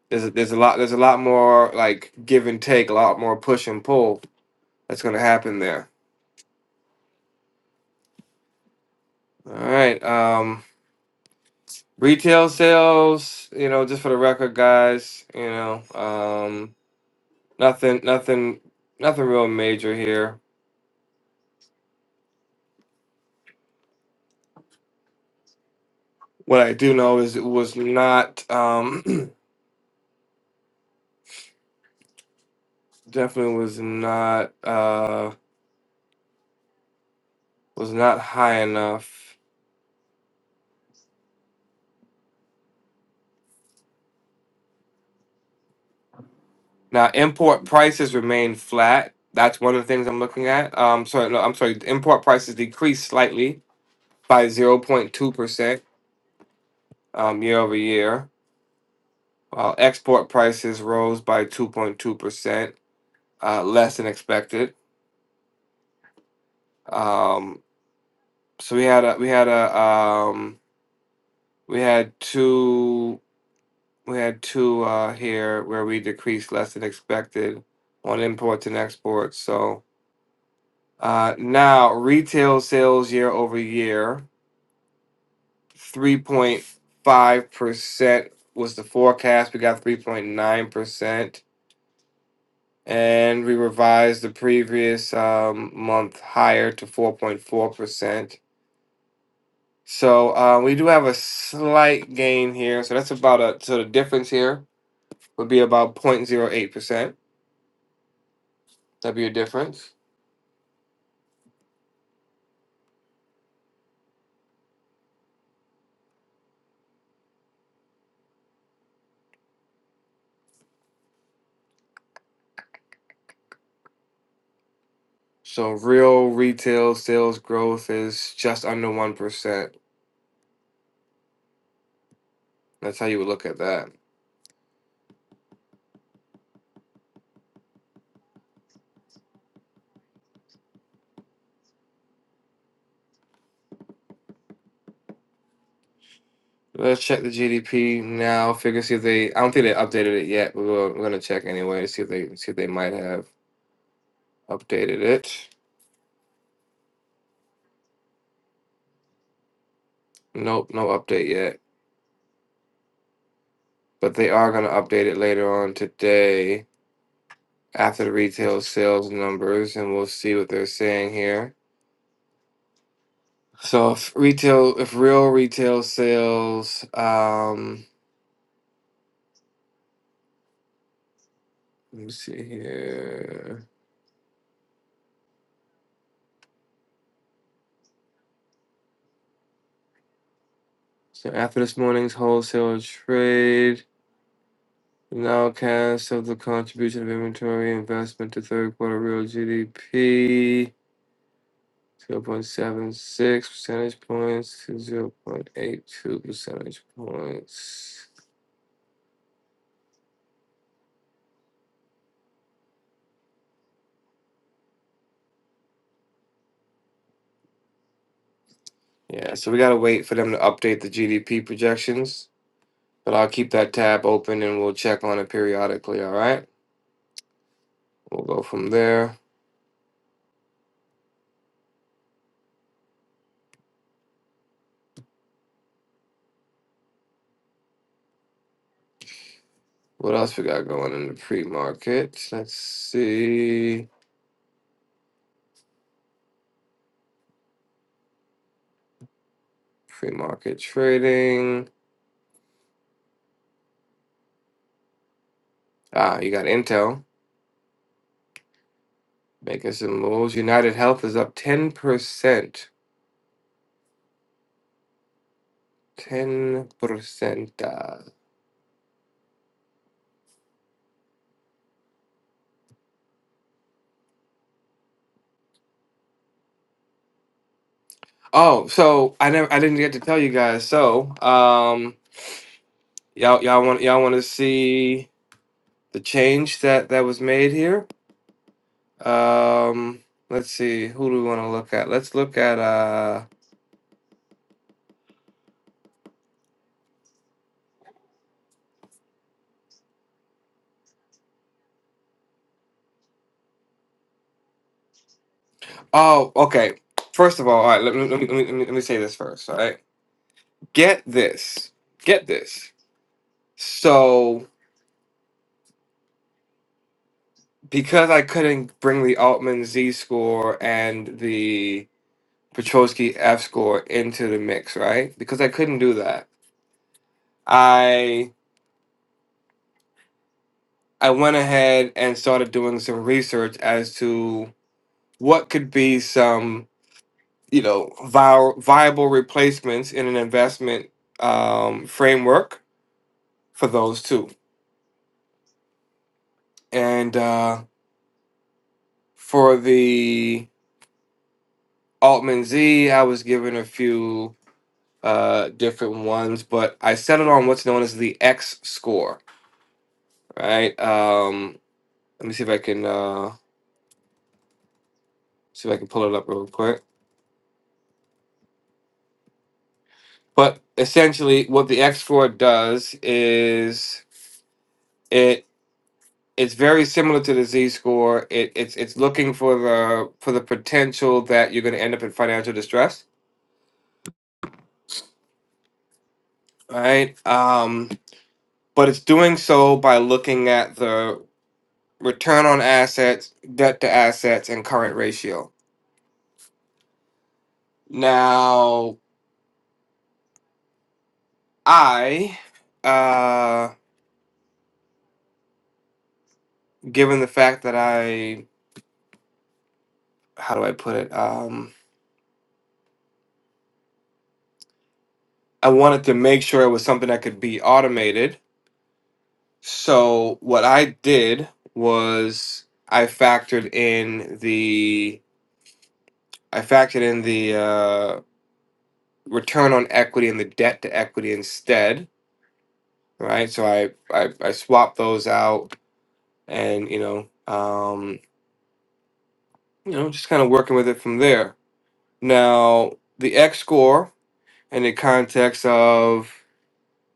Speaker 2: there's a, there's a lot there's a lot more like give and take, a lot more push and pull that's going to happen there. All right. Um retail sales, you know, just for the record guys, you know, um nothing nothing nothing real major here. What I do know is it was not um *clears throat* definitely was not uh was not high enough Now, import prices remain flat. That's one of the things I'm looking at. Um, sorry, no, I'm sorry. Import prices decreased slightly by 0.2% um, year over year, while export prices rose by 2.2%, uh, less than expected. Um, so we had a, we had a, um, we had two, we had two uh, here where we decreased less than expected on imports and exports. So uh, now retail sales year over year 3.5% was the forecast. We got 3.9%. And we revised the previous um, month higher to 4.4%. So uh, we do have a slight gain here. So that's about a, so the difference here would be about 0.08%. That'd be a difference. So real retail sales growth is just under 1%. That's how you would look at that. Let's check the GDP now. Figure see if they. I don't think they updated it yet, but we're, we're gonna check anyway. See if they see if they might have updated it. Nope, no update yet. But they are gonna update it later on today after the retail sales numbers, and we'll see what they're saying here. So if retail, if real retail sales, um, let me see here. So after this morning's wholesale trade. Now cast of the contribution of inventory investment to third quarter real GDP, 0.76 percentage points to 0.82 percentage points. Yeah, so we gotta wait for them to update the GDP projections, but I'll keep that tab open and we'll check on it periodically, all right? We'll go from there. What else we got going in the pre-market? Let's see. Pre-market trading. Ah, you got Intel. Making some moves. United Health is up 10%. 10%. Uh, oh, so I never I didn't get to tell you guys. So, um y'all y'all want y'all want to see the change that that was made here? Um let's see. Who do we want to look at? Let's look at uh Oh, okay. First of all, all right, let me let me let me, let me let me say this first, all right? Get this. Get this. So. because I couldn't bring the Altman Z score and the Petrosky F score into the mix, right? Because I couldn't do that. I I went ahead and started doing some research as to what could be some, you know, vi- viable replacements in an investment um, framework for those two. And uh, for the Altman Z, I was given a few uh, different ones, but I settled on what's known as the X score. Right? Um, let me see if I can uh, see if I can pull it up real quick. But essentially, what the X score does is it it's very similar to the Z score. It, it's it's looking for the for the potential that you're going to end up in financial distress. Right? Um, but it's doing so by looking at the return on assets, debt to assets, and current ratio. Now, I, uh, given the fact that I, how do I put it? Um, I wanted to make sure it was something that could be automated. So what I did was I factored in the I factored in the uh, return on equity and the debt to equity instead, right? So I I, I swapped those out, and you know, um, you know, just kind of working with it from there. Now the X score in the context of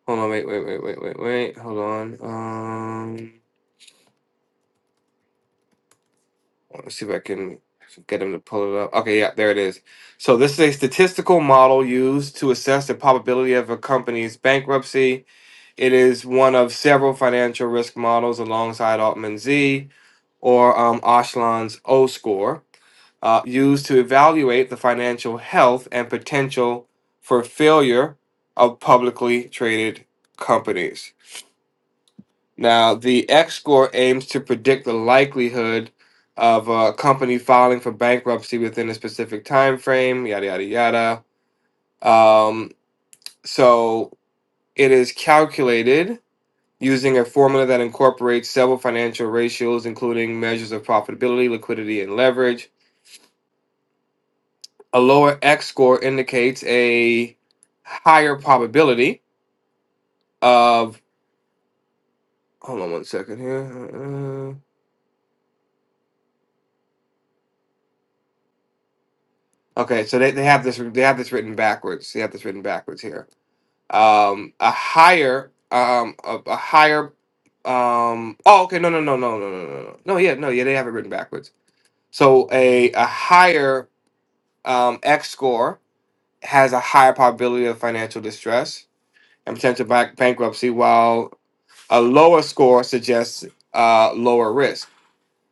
Speaker 2: hold on wait wait wait wait wait wait hold on um let's see if i can get him to pull it up okay yeah there it is so this is a statistical model used to assess the probability of a company's bankruptcy it is one of several financial risk models alongside altman z or um, Ashland's O score, uh, used to evaluate the financial health and potential for failure of publicly traded companies. Now, the X score aims to predict the likelihood of a company filing for bankruptcy within a specific time frame, yada yada yada. Um, so it is calculated using a formula that incorporates several financial ratios, including measures of profitability, liquidity, and leverage. A lower X score indicates a higher probability of. Hold on one second here. Uh, uh, Okay, so they, they have this they have this written backwards. They have this written backwards here um a higher um a, a higher um oh okay no no no no no no no no no yeah no yeah they have it written backwards so a a higher um x score has a higher probability of financial distress and potential bank- bankruptcy while a lower score suggests uh lower risk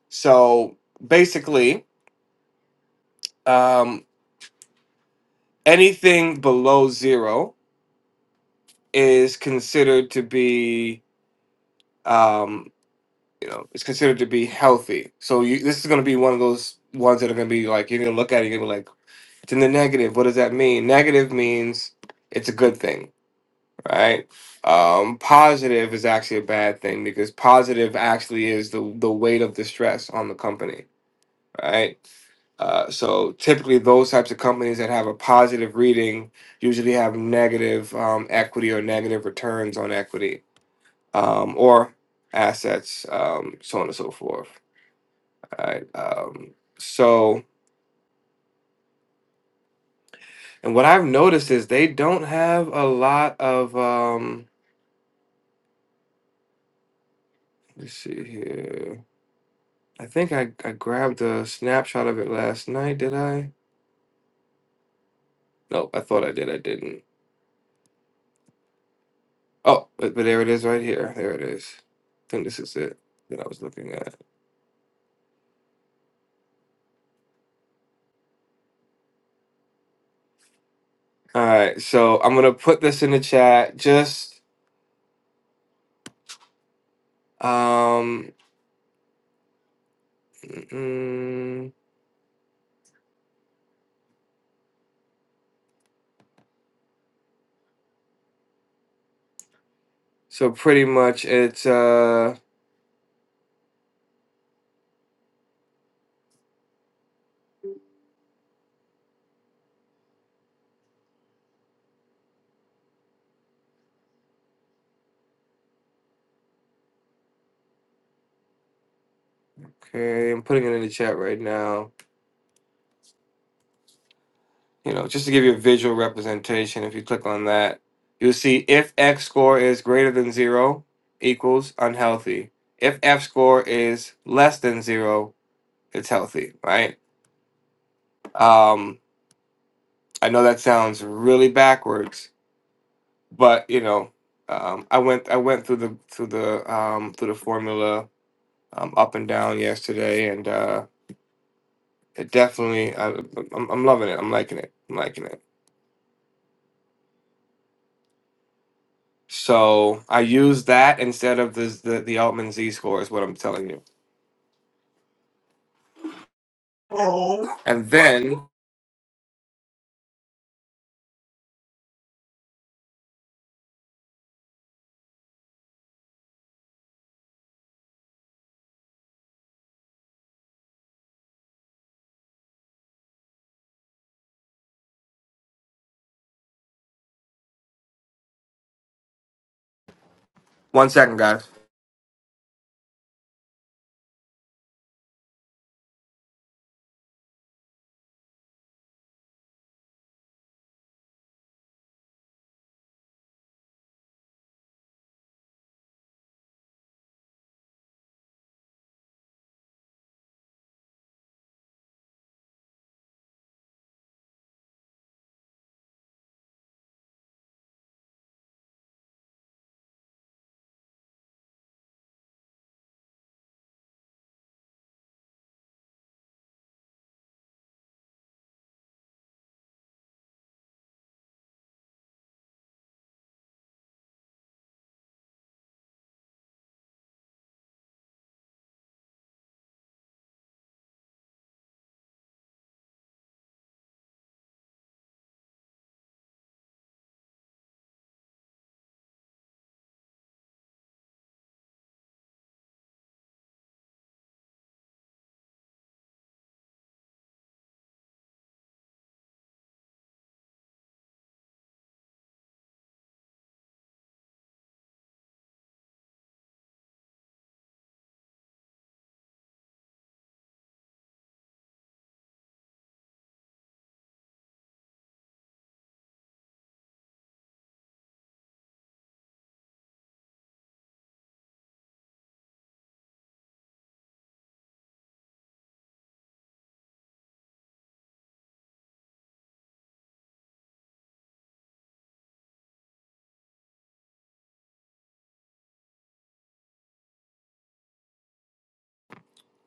Speaker 2: so basically um anything below zero is considered to be um you know, it's considered to be healthy. So you, this is going to be one of those ones that are going to be like you're going to look at it, you're going to be like, it's in the negative. What does that mean? Negative means it's a good thing, right? Um, positive is actually a bad thing because positive actually is the the weight of the stress on the company, right? Uh, so typically, those types of companies that have a positive reading usually have negative um, equity or negative returns on equity um, or assets, um, so on and so forth right? Um, so, and what I've noticed is they don't have a lot of. Um, let's see here. I think I, I grabbed a snapshot of it last night. Did I? No, I thought I did. I didn't. Oh, but, but there it is right here. There it is. I think this is it that I was looking at. All right, so I'm gonna put this in the chat. Just um, mm, so pretty much it's uh okay. I'm putting it in the chat right now. you know, just to give you a visual representation, if you click on that, you'll see if X score is greater than zero, equals unhealthy. If F score is less than zero, it's healthy, right? Um, I know that sounds really backwards, but you know, um, I went I went through the through the um, through the formula um, up and down yesterday, and uh, it definitely I, I'm, I'm loving it. I'm liking it. I'm liking it. So I use that instead of the the, the Altman Z score is what I'm telling you. Oh. And then one second, guys.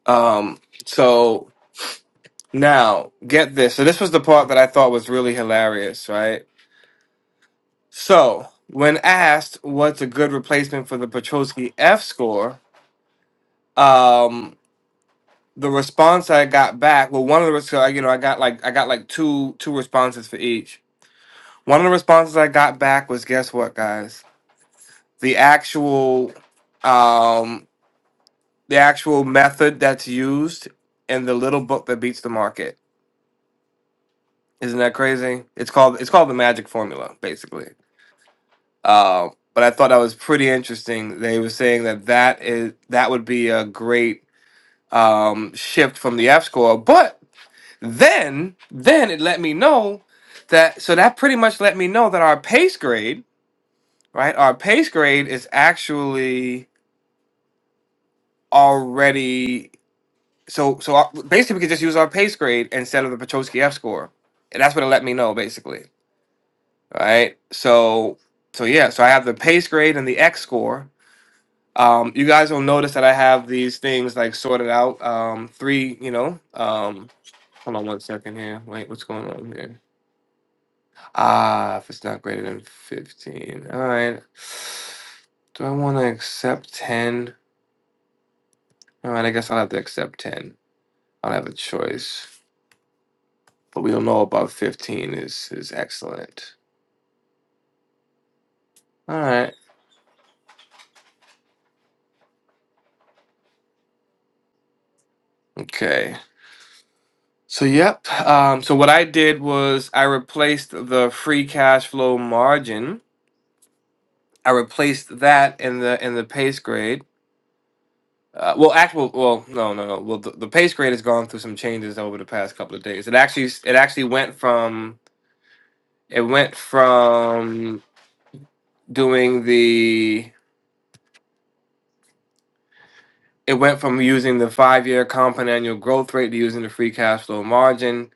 Speaker 2: Um. So now get this. So this was the part that I thought was really hilarious, right? So when asked what's a good replacement for the Petrosky F score, um. The response I got back, well, one of the res- so I- you know I got like I got like two two responses for each. One of the responses I got back was guess what, guys? the actual um the actual method that's used in the little book that beats the market. Isn't that crazy? It's called it's called the magic formula, basically. Uh, but I thought that was pretty interesting. They were saying that that is that would be a great um, shift from the F score, but then then it let me know that so that pretty much let me know that our pace grade, right? Our pace grade is actually already So so I, basically, we could just use our pace grade instead of the Petrosky F score, and that's what it let me know basically. All right. So so yeah. So I have the pace grade and the X score. Um, you guys will notice that I have these things like sorted out. Um, three. You know. Um, hold on one second here. Wait, what's going on here? Ah, if it's not greater than fifteen. All right. Do I want to accept ten? All right. I guess I'll have to accept ten. I don't have a choice. but we don't know about 15 is is excellent. All right. Okay. So yep. Um, so what I did was I replaced the free cash flow margin. I replaced that in the in the pace grade. Uh, well, actual. Well, no, no, no. Well, the, the pace grade has gone through some changes over the past couple of days. It actually s- it actually went from it went from doing the it went from using the five year compound annual growth rate to using the free cash flow margin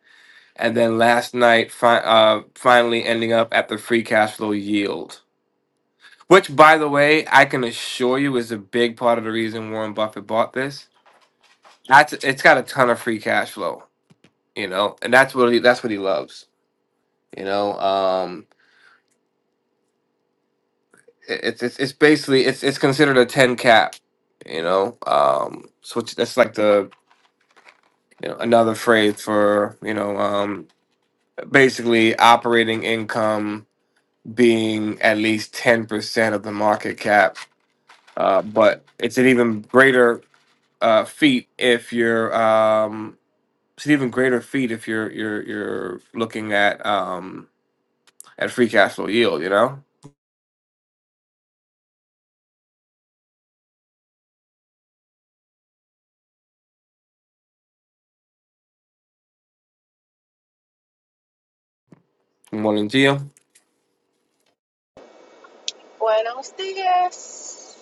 Speaker 2: and then last night fi- uh, finally ending up at the free cash flow yield, which, by the way, I can assure you is a big part of the reason Warren Buffett bought this. That's it's got a ton of free cash flow, you know, and that's what he that's what he loves, you know. Um, it- it's it's it's basically it's it's considered a ten cap, you know. Um, so it's, that's like the you know another phrase for you know um basically operating income being at least 10% of the market cap Uh, but it's an even greater uh, feat if you're um, it's an even greater feat if you're you're you're looking at um, at free cash flow yield. You know. Good morning, Gio. Good
Speaker 6: Buenos días.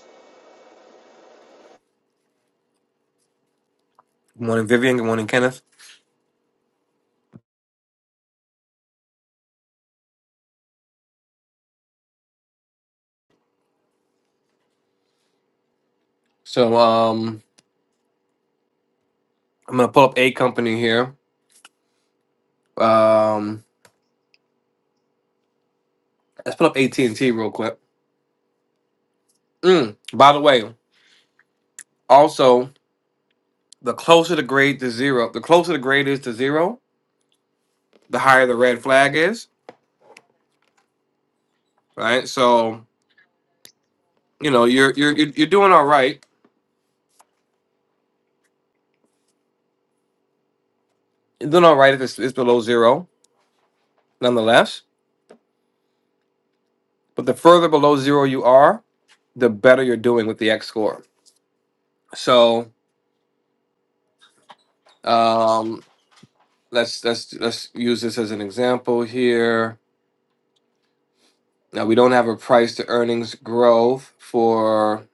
Speaker 2: morning, Vivian. Good morning, Kenneth. So um, I'm gonna pull up a company here. Um, let's pull up AT and T real quick. Mm, by the way, also the closer the grade to zero, the closer the grade is to zero, the higher the red flag is. Right. So you know you're you're you're you're doing all right Doing all right if it's, it's below zero, nonetheless. But the further below zero you are, the better you're doing with the X score. So um, let's let's let's use this as an example here. Now we don't have a price to earnings growth for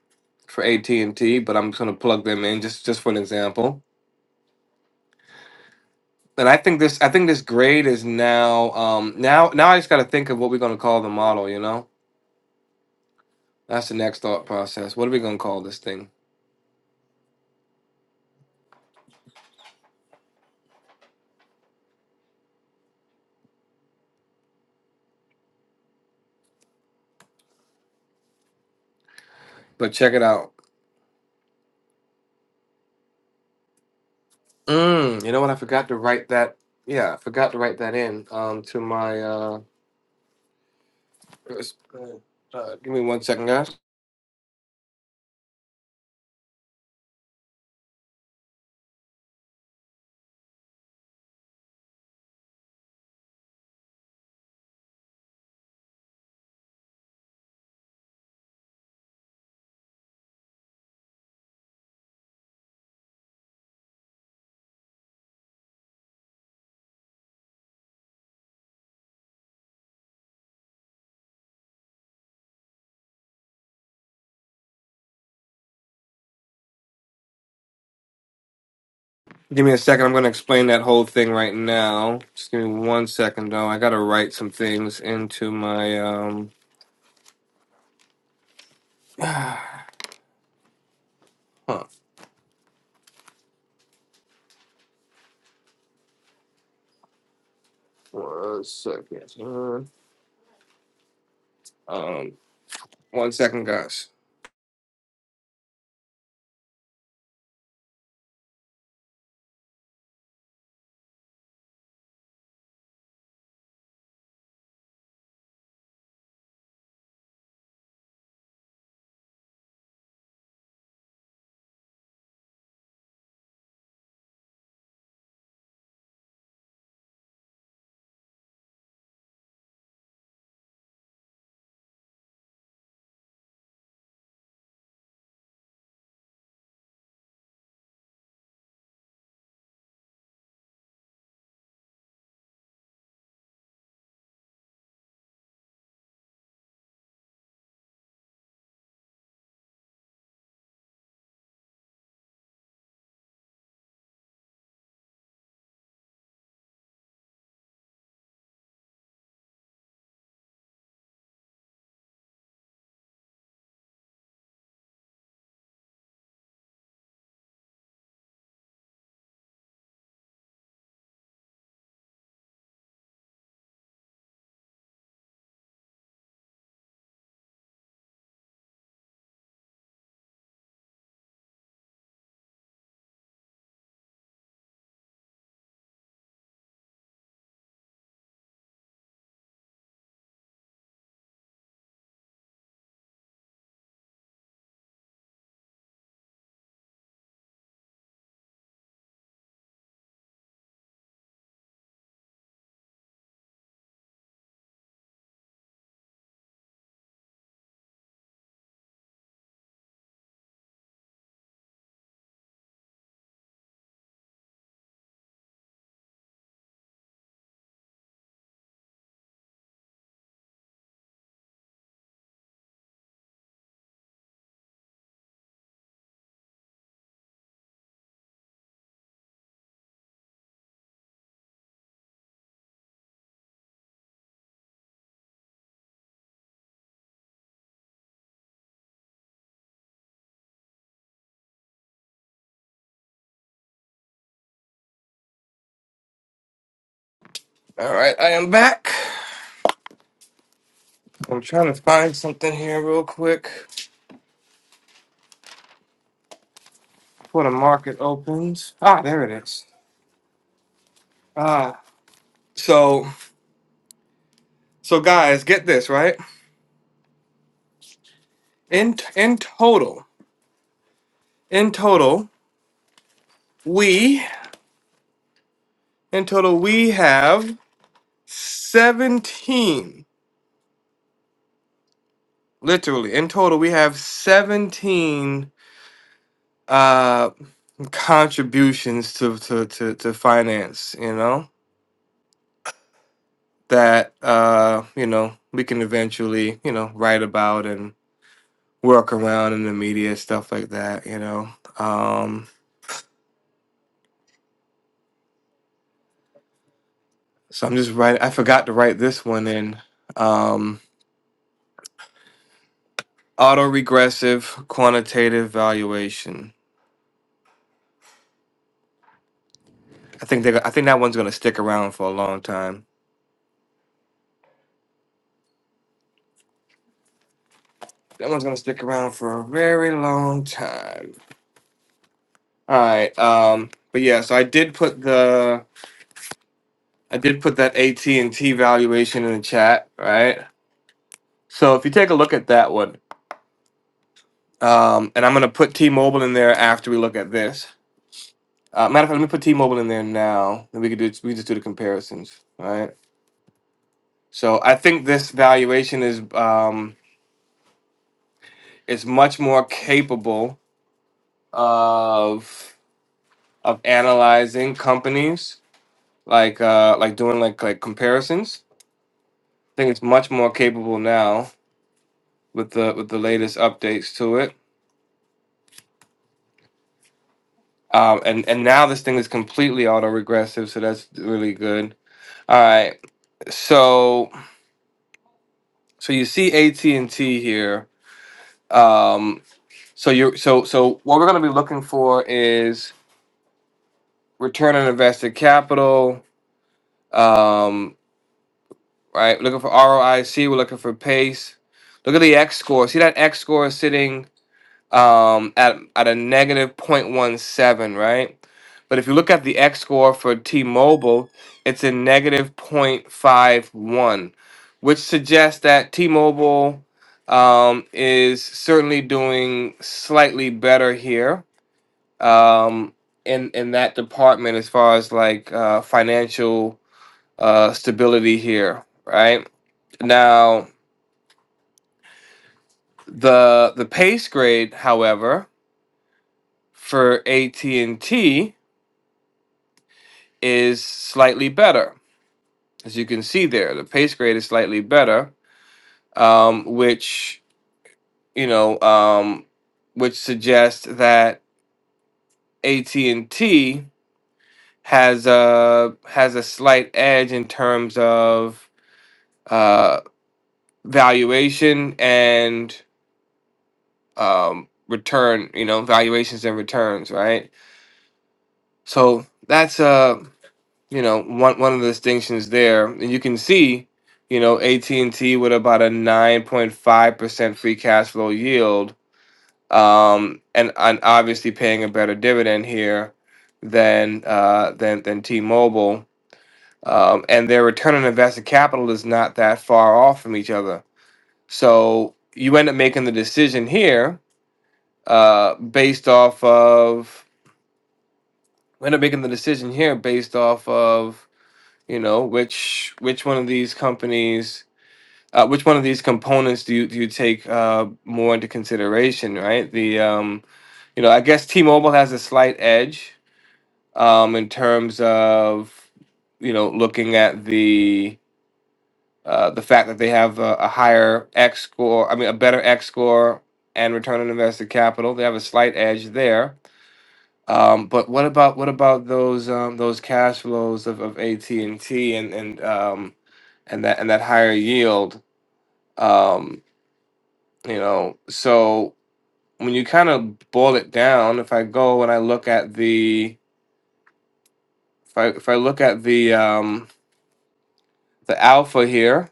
Speaker 2: for AT and T, but I'm just going to plug them in just just for an example. And I think this I think this grade is now um, now now I just got to think of what we're going to call the model. You know, that's the next thought process. What are we going to call this thing? But check it out. Mm, you know what? I forgot to write that. Yeah, I forgot to write that in um, to my. Uh, uh, uh, give me one second, guys. Give me a second. I'm going to explain that whole thing right now. Just give me one second, though. I got to write some things into my. Um, huh. One second. Um, one second, guys. All right, I am back. I'm trying to find something here real quick before the market opens. Ah, there it is. Ah, so so guys, get this right. In in total, in total, we in total we have 17. Literally, in total we have 17 uh contributions to to to, to finance, you know, that uh, you know, we can eventually, you know, write about and work around in the media stuff like that, you know. Um so I'm just writing I forgot to write this one in. Um Autoregressive quantitative valuation. I think they. I think that one's gonna stick around for a long time. That one's gonna stick around for a very long time. All right. Um. But yeah. So I did put the. I did put that AT and T valuation in the chat. Right. So if you take a look at that one, um, and I'm gonna put T-Mobile in there after we look at this. Uh, matter of fact, let me put T-Mobile in there now, and we could do. We just do the comparisons. All right. So I think this valuation is. Um, is much more capable of of analyzing companies like uh like doing like like comparisons i think it's much more capable now with the with the latest updates to it um and and now this thing is completely auto regressive so that's really good all right so so you see at&t here um so you're so so what we're going to be looking for is return on invested capital um, right? We're looking for ROIC. We're looking for pace. Look at the X score. See that X score is sitting um, at at a negative 0.17, right? But if you look at the X score for T-Mobile, it's a negative 0.51, which suggests that T-Mobile um, is certainly doing slightly better here um, in in that department as far as like uh, financial uh, stability here, right? Now, the the pace grade, however, for AT&T is slightly better. As you can see there, the pace grade is slightly better, um, which, you know, um, which suggests that AT&T has a has a slight edge in terms of uh, valuation and um, return, you know, valuations and returns, right? So that's a you know one one of the distinctions there, and you can see, you know, AT and T with about a nine point five percent free cash flow yield, um, and and obviously paying a better dividend here than uh, than than T Mobile, um, and their return on invested capital is not that far off from each other. So you end up making the decision here uh, based off of. We end up making the decision here based off of you know which which one of these companies uh, which one of these components do you do you take uh, more into consideration right the um, you know i guess t-mobile has a slight edge um, in terms of you know looking at the uh, the fact that they have a, a higher x score i mean a better x score and return on invested capital they have a slight edge there um, but what about what about those um, those cash flows of, of AT&T and T and and um, and that and that higher yield? Um, you know, so when you kind of boil it down, if I go and I look at the if I if I look at the um, the alpha here,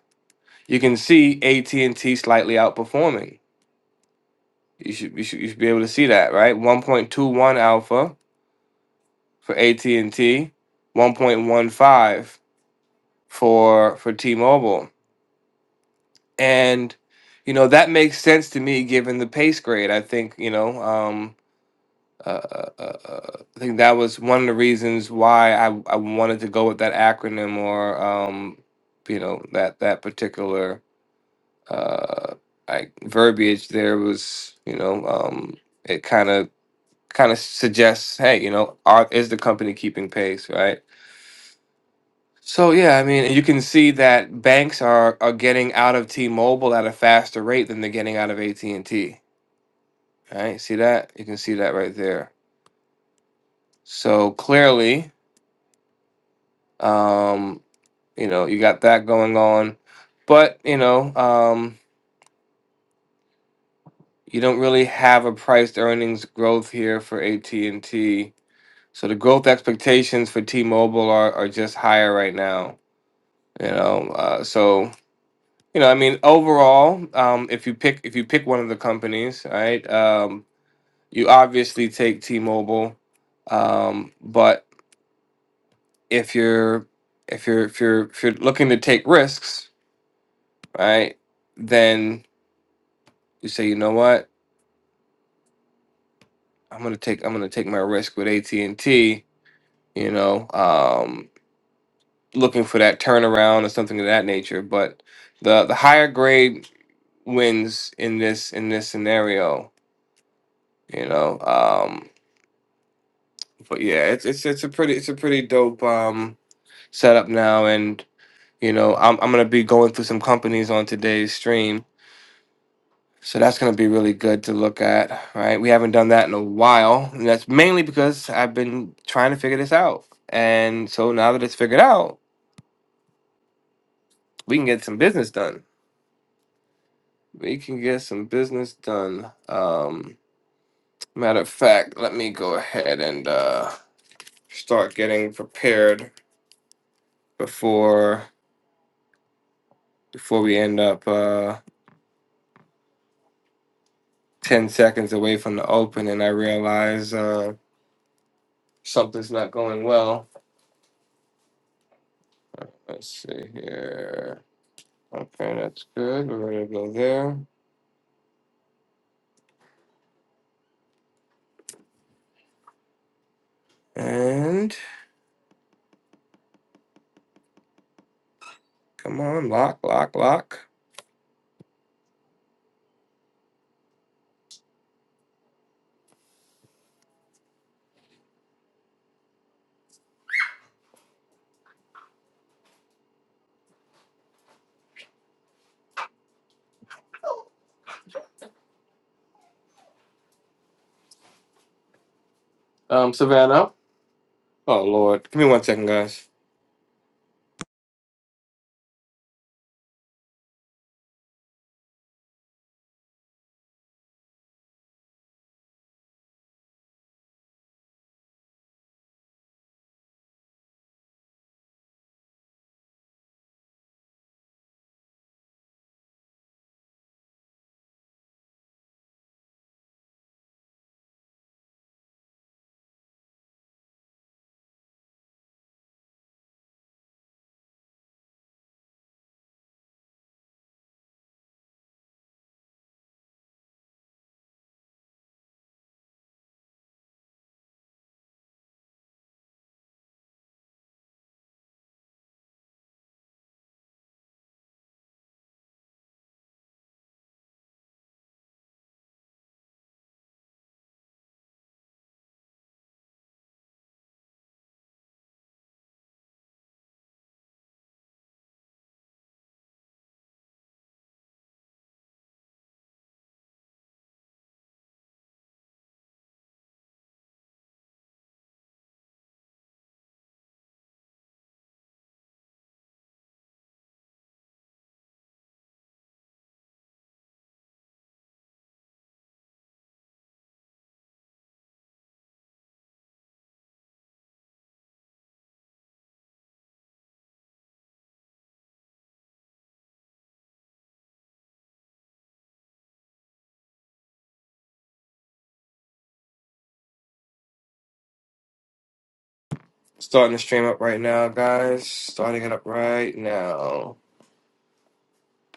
Speaker 2: you can see AT&T slightly outperforming. You should you should you should be able to see that, right? 1.21 alpha for AT&T, 1.15 for for T-Mobile and you know that makes sense to me given the pace grade i think you know um uh, uh, uh, uh, i think that was one of the reasons why i i wanted to go with that acronym or um you know that that particular uh like verbiage there was you know um it kind of kind of suggests hey you know are is the company keeping pace right So yeah, I mean, you can see that banks are are getting out of T-Mobile at a faster rate than they're getting out of AT&T, right? See that? You can see that right there. So clearly, um, you know, you got that going on, but you know, um, you don't really have a price to earnings growth here for AT&T. So the growth expectations for T-Mobile are are just higher right now, you know. Uh, so You know, I mean, overall, um, if you pick if you pick one of the companies, right, um, you obviously take T-Mobile, um, but if you're if you're if you're if you're looking to take risks, right, then you say, you know what, I'm gonna take I'm gonna take my risk with AT&T. You know, um, looking for that turnaround or something of that nature. But the the higher grade wins in this in this scenario. You know. Um, but yeah, it's it's it's a pretty it's a pretty dope um setup now, and you know I'm I'm gonna be going through some companies on today's stream, so that's gonna be really good to look at. Right, we haven't done that in a while, and that's mainly because I've been trying to figure this out, and so now that it's figured out, we can get some business done. We can get some business done. Um, matter of fact, let me go ahead and uh, start getting prepared before before we end up. Uh, 10 seconds away from the open and I realize uh, something's not going well. Let's see here. Okay, that's good. We're going to go there. And come on, lock, lock, lock. Um, Savannah. Oh, Lord. Give me one second, guys. Starting the stream up right now, guys. Starting it up right now.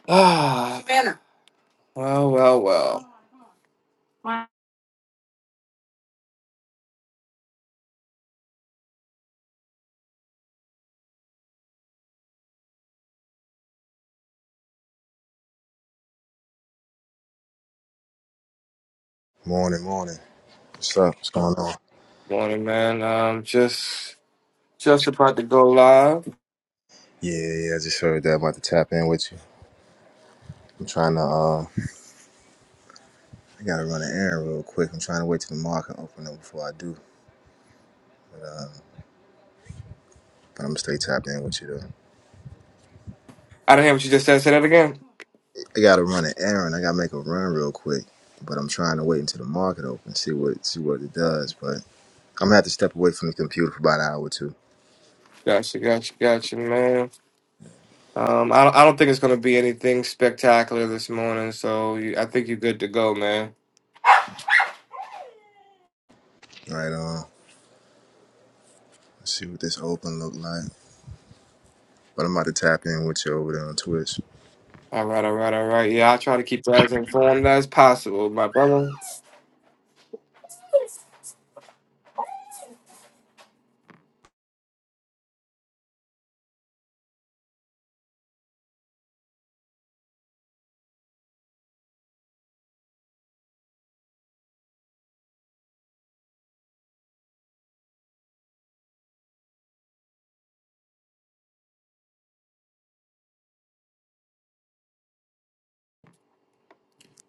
Speaker 2: Ah. Savannah. *sighs* Well, well, well.
Speaker 7: Morning, morning. What's up? What's
Speaker 2: Oh,
Speaker 7: going on?
Speaker 2: morning, man. Um, just just about to go live.
Speaker 7: Yeah, yeah, yeah, I just heard that. about to tap in with you. I'm trying to, uh, I gotta run an errand real quick. I'm trying to wait till the market open up before I do. But I'm gonna stay tapped in with you though.
Speaker 2: I didn't hear what you just said. Say that again.
Speaker 7: I gotta run an errand. I gotta make a run real quick. But I'm trying to wait until the market open, see what see what it does. But I'm gonna have to step away from the computer for about an hour or two.
Speaker 2: Gotcha, gotcha, gotcha, man. Um, I don't, I don't think it's gonna be anything spectacular this morning, so you, I think you're good to go, man.
Speaker 7: Right on. Let's see what this open look like. But I'm about to tap in with you over there on Twitch.
Speaker 2: All right, all right, all right. Yeah, I try to keep you as informed as possible, my brother.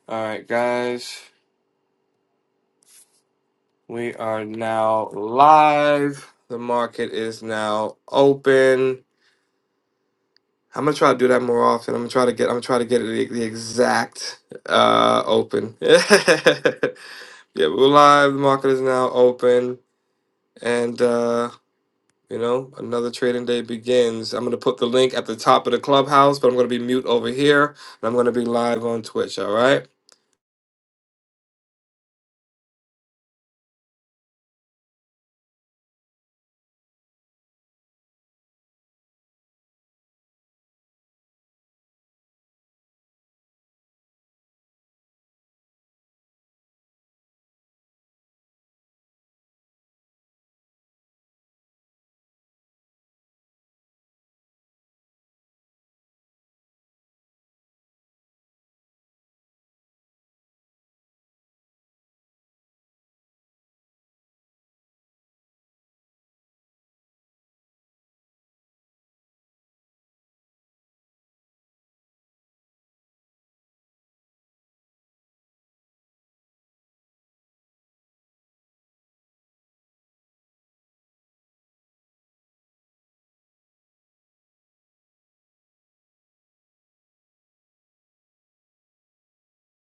Speaker 2: All right, guys, we are now live. The market is now open. I'm gonna try to do that more often. I'm gonna try to get. I'm gonna try to get the, the exact uh, open. *laughs* yeah, we're live. The market is now open, and. uh You know, another trading day begins. I'm going to put the link at the top of the clubhouse, but I'm going to be mute over here and I'm going to be live on Twitch. All right.